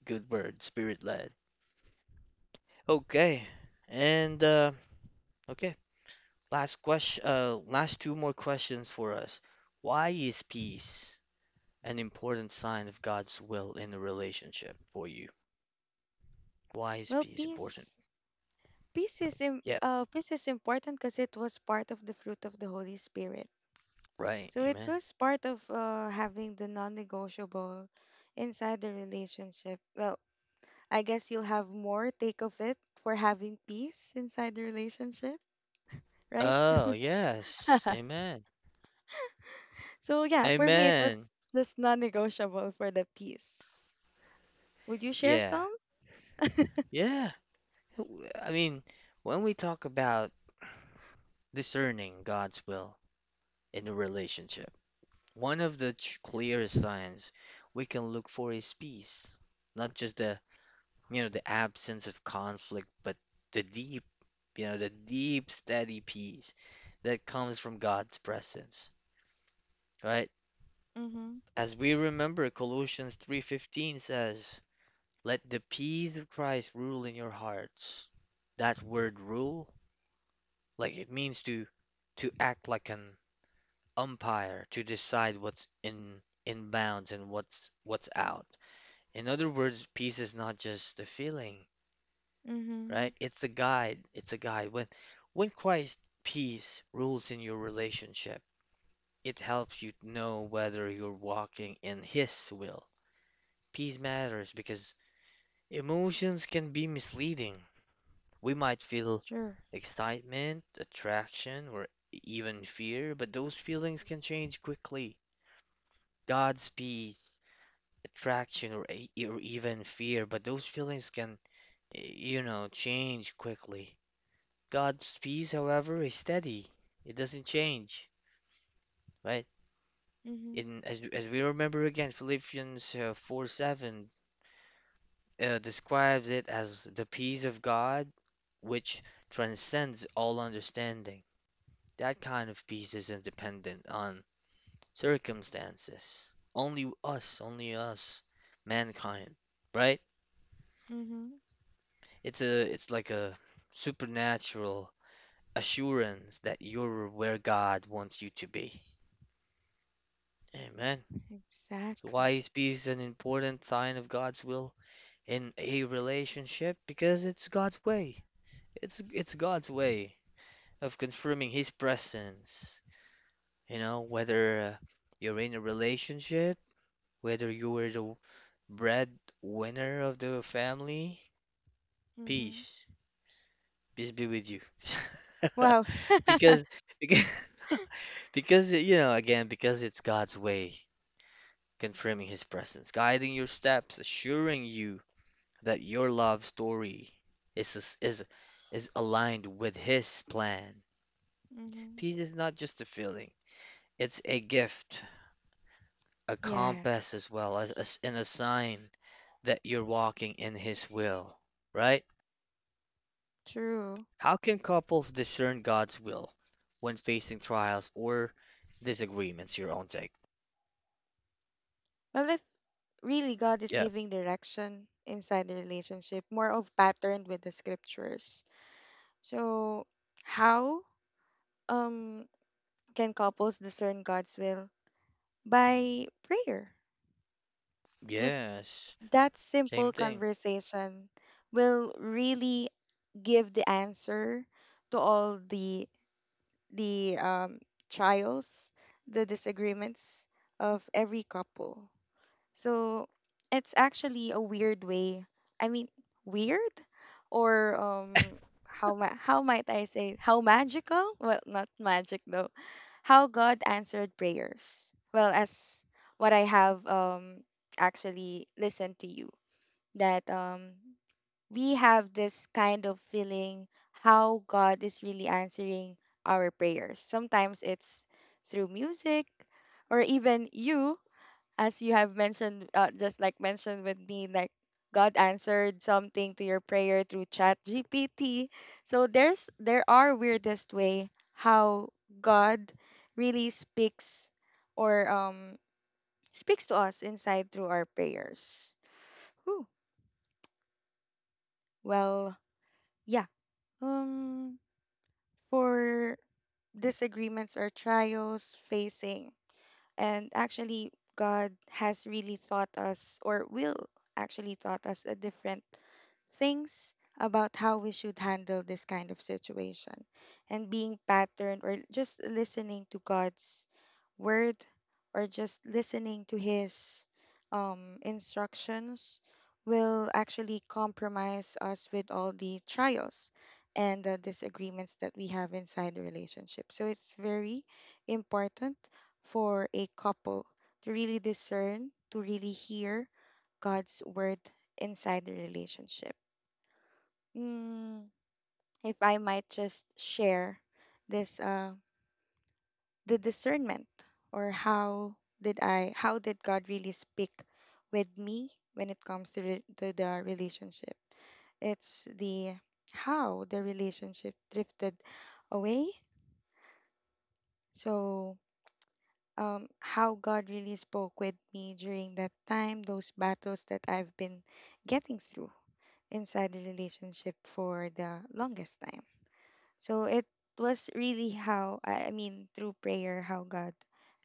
A: Good word, spirit led. Okay. And okay, last question, last two more questions for us. Why is peace an important sign of God's will in a relationship for you? Why is
B: Well,
A: peace important?
B: peace. Peace is im-
A: Yeah,
B: uh, peace is important, because it was part of the fruit of the Holy Spirit.
A: right.
B: So it
A: Amen.
B: was part of having the non negotiable inside the relationship. Well, I guess you'll have more take of it for having peace inside the relationship, right?
A: Oh, yes. Amen.
B: So, yeah, for me, it was
A: Amen.
B: just non negotiable for the peace. Would you share
A: Yeah.
B: some?
A: Yeah. I mean, when we talk about discerning God's will in a relationship, one of the clearest signs we can look for is peace. Not just the, you know, the absence of conflict, but the deep, you know, the deep, steady peace that comes from God's presence, right?
B: Mm hmm.
A: As we remember, Colossians 3:15 says, "Let the peace of Christ rule in your hearts." That word rule, like it means to act like an umpire to decide what's in bounds and what's out. In other words, peace is not just a feeling,
B: Mm hmm.
A: right? It's a guide. It's a guide. When Christ's peace rules in your relationship, it helps you know whether you're walking in his will. Peace matters because emotions can be misleading. We might feel
B: Sure.
A: excitement, attraction, or even fear, but those feelings can change quickly. God's peace, attraction, or even fear, but those feelings can, you know, change quickly. God's peace, however, is steady. It doesn't change, right?
B: Mm
A: In as we remember again, Philippians 4:7, describes it as the peace of God, which transcends all understanding. That kind of peace is independent on circumstances. Only us, mankind, right?
B: hmm. Mm hmm.
A: It's a, it's like a supernatural assurance that you're where God wants you to be. Amen. So why
B: Exactly.
A: is peace an important sign of God's will in a relationship? Because it's God's way. It's God's way of confirming his presence. You know, whether you're in a relationship, whether you were the breadwinner of the family,
B: Mm hmm.
A: peace, peace be with you.
B: Wow. Mm
A: Because, because, because, you know, again, because it's God's way, confirming his presence, guiding your steps, assuring you that your love story is is aligned with his plan.
B: hmm.
A: Peace is not just a feeling, it's a gift, a compass as
B: Yes.
A: well as and a sign that you're walking in His will, right?
B: True.
A: How can couples discern God's will when facing trials or disagreements? Your own take.
B: Well, if really God is
A: Yeah.
B: giving direction inside the relationship, more of patterned with the scriptures. So, how um can couples discern God's will? By prayer. Just
A: Yes.
B: that
A: Same
B: simple
A: thing.
B: conversation will really give the answer to all the trials, the disagreements of every couple. So it's actually a weird way. I mean, weird, or how how might I say, how magical? Well, not magic though. How God answered prayers. Well, as what I have actually listened to you, that we have this kind of feeling how God is really answering our prayers. Sometimes it's through music, or even you, as you have mentioned, just like mentioned with me, like God answered something to your prayer through Chat GPT. So there are weirdest way how God really speaks, or speaks to us inside through our prayers. Whew. Well, yeah. Um, for disagreements or trials facing, and actually, God has really taught us, or will actually taught us a different things about how we should handle this kind of situation, and being patterned or just listening to God's word, or just listening to his instructions will actually compromise us with all the trials and the disagreements that we have inside the relationship. So it's very important for a couple to really discern, to really hear God's word inside the relationship. Mm, if I might just share this, the discernment, or how did God really speak with me when it comes to, to the relationship? It's the how the relationship drifted away. So, how God really spoke with me during that time, those battles that I've been getting through inside the relationship for the longest time. So it was really how, I mean, through prayer, how God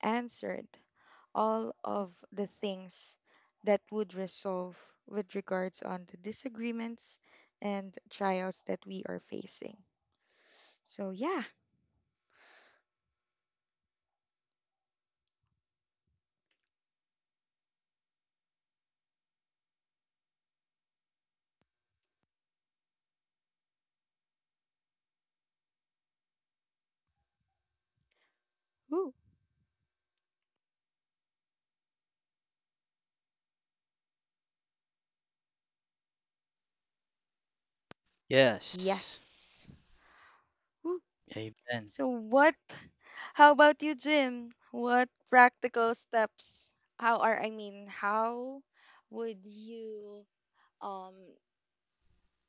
B: answered all of the things that would resolve with regards on the disagreements and trials that we are facing. So yeah, woo,
A: Yes.
B: yes. Woo.
A: Amen.
B: So how about you, Jim? What practical steps, I mean, how would you um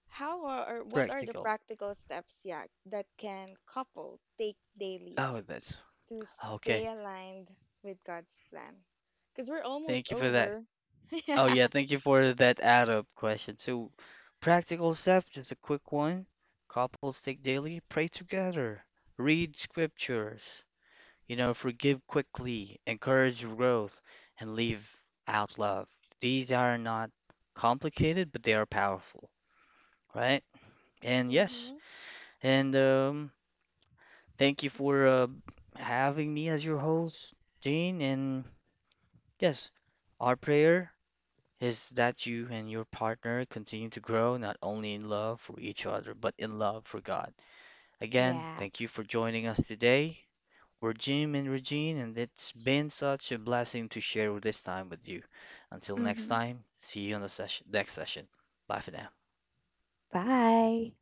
B: How are, or what are the
A: Practical.
B: practical steps, yeah, that can couple take daily
A: Oh, that's
B: to stay
A: okay.
B: aligned with God's plan? Because we're almost
A: Thank you for that.
B: over.
A: Oh,
B: Yeah.
A: yeah. Thank you for that add-up question. So, practical stuff, just a quick one. Couples take daily, pray together, read scriptures, you know, forgive quickly, encourage growth, and leave out love. These are not complicated, but they are powerful, right? And yes,
B: Mm-hmm.
A: and thank you for having me as your host, Jane. And yes, our prayer is that you and your partner continue to grow not only in love for each other, but in love for God. Again, thank you for
B: Yes.
A: joining us today. We're Jim and Regine, and it's been such a blessing to share this time with you. Until next
B: Mm-hmm.
A: time, see you on the session, next session. Bye for now.
B: Bye.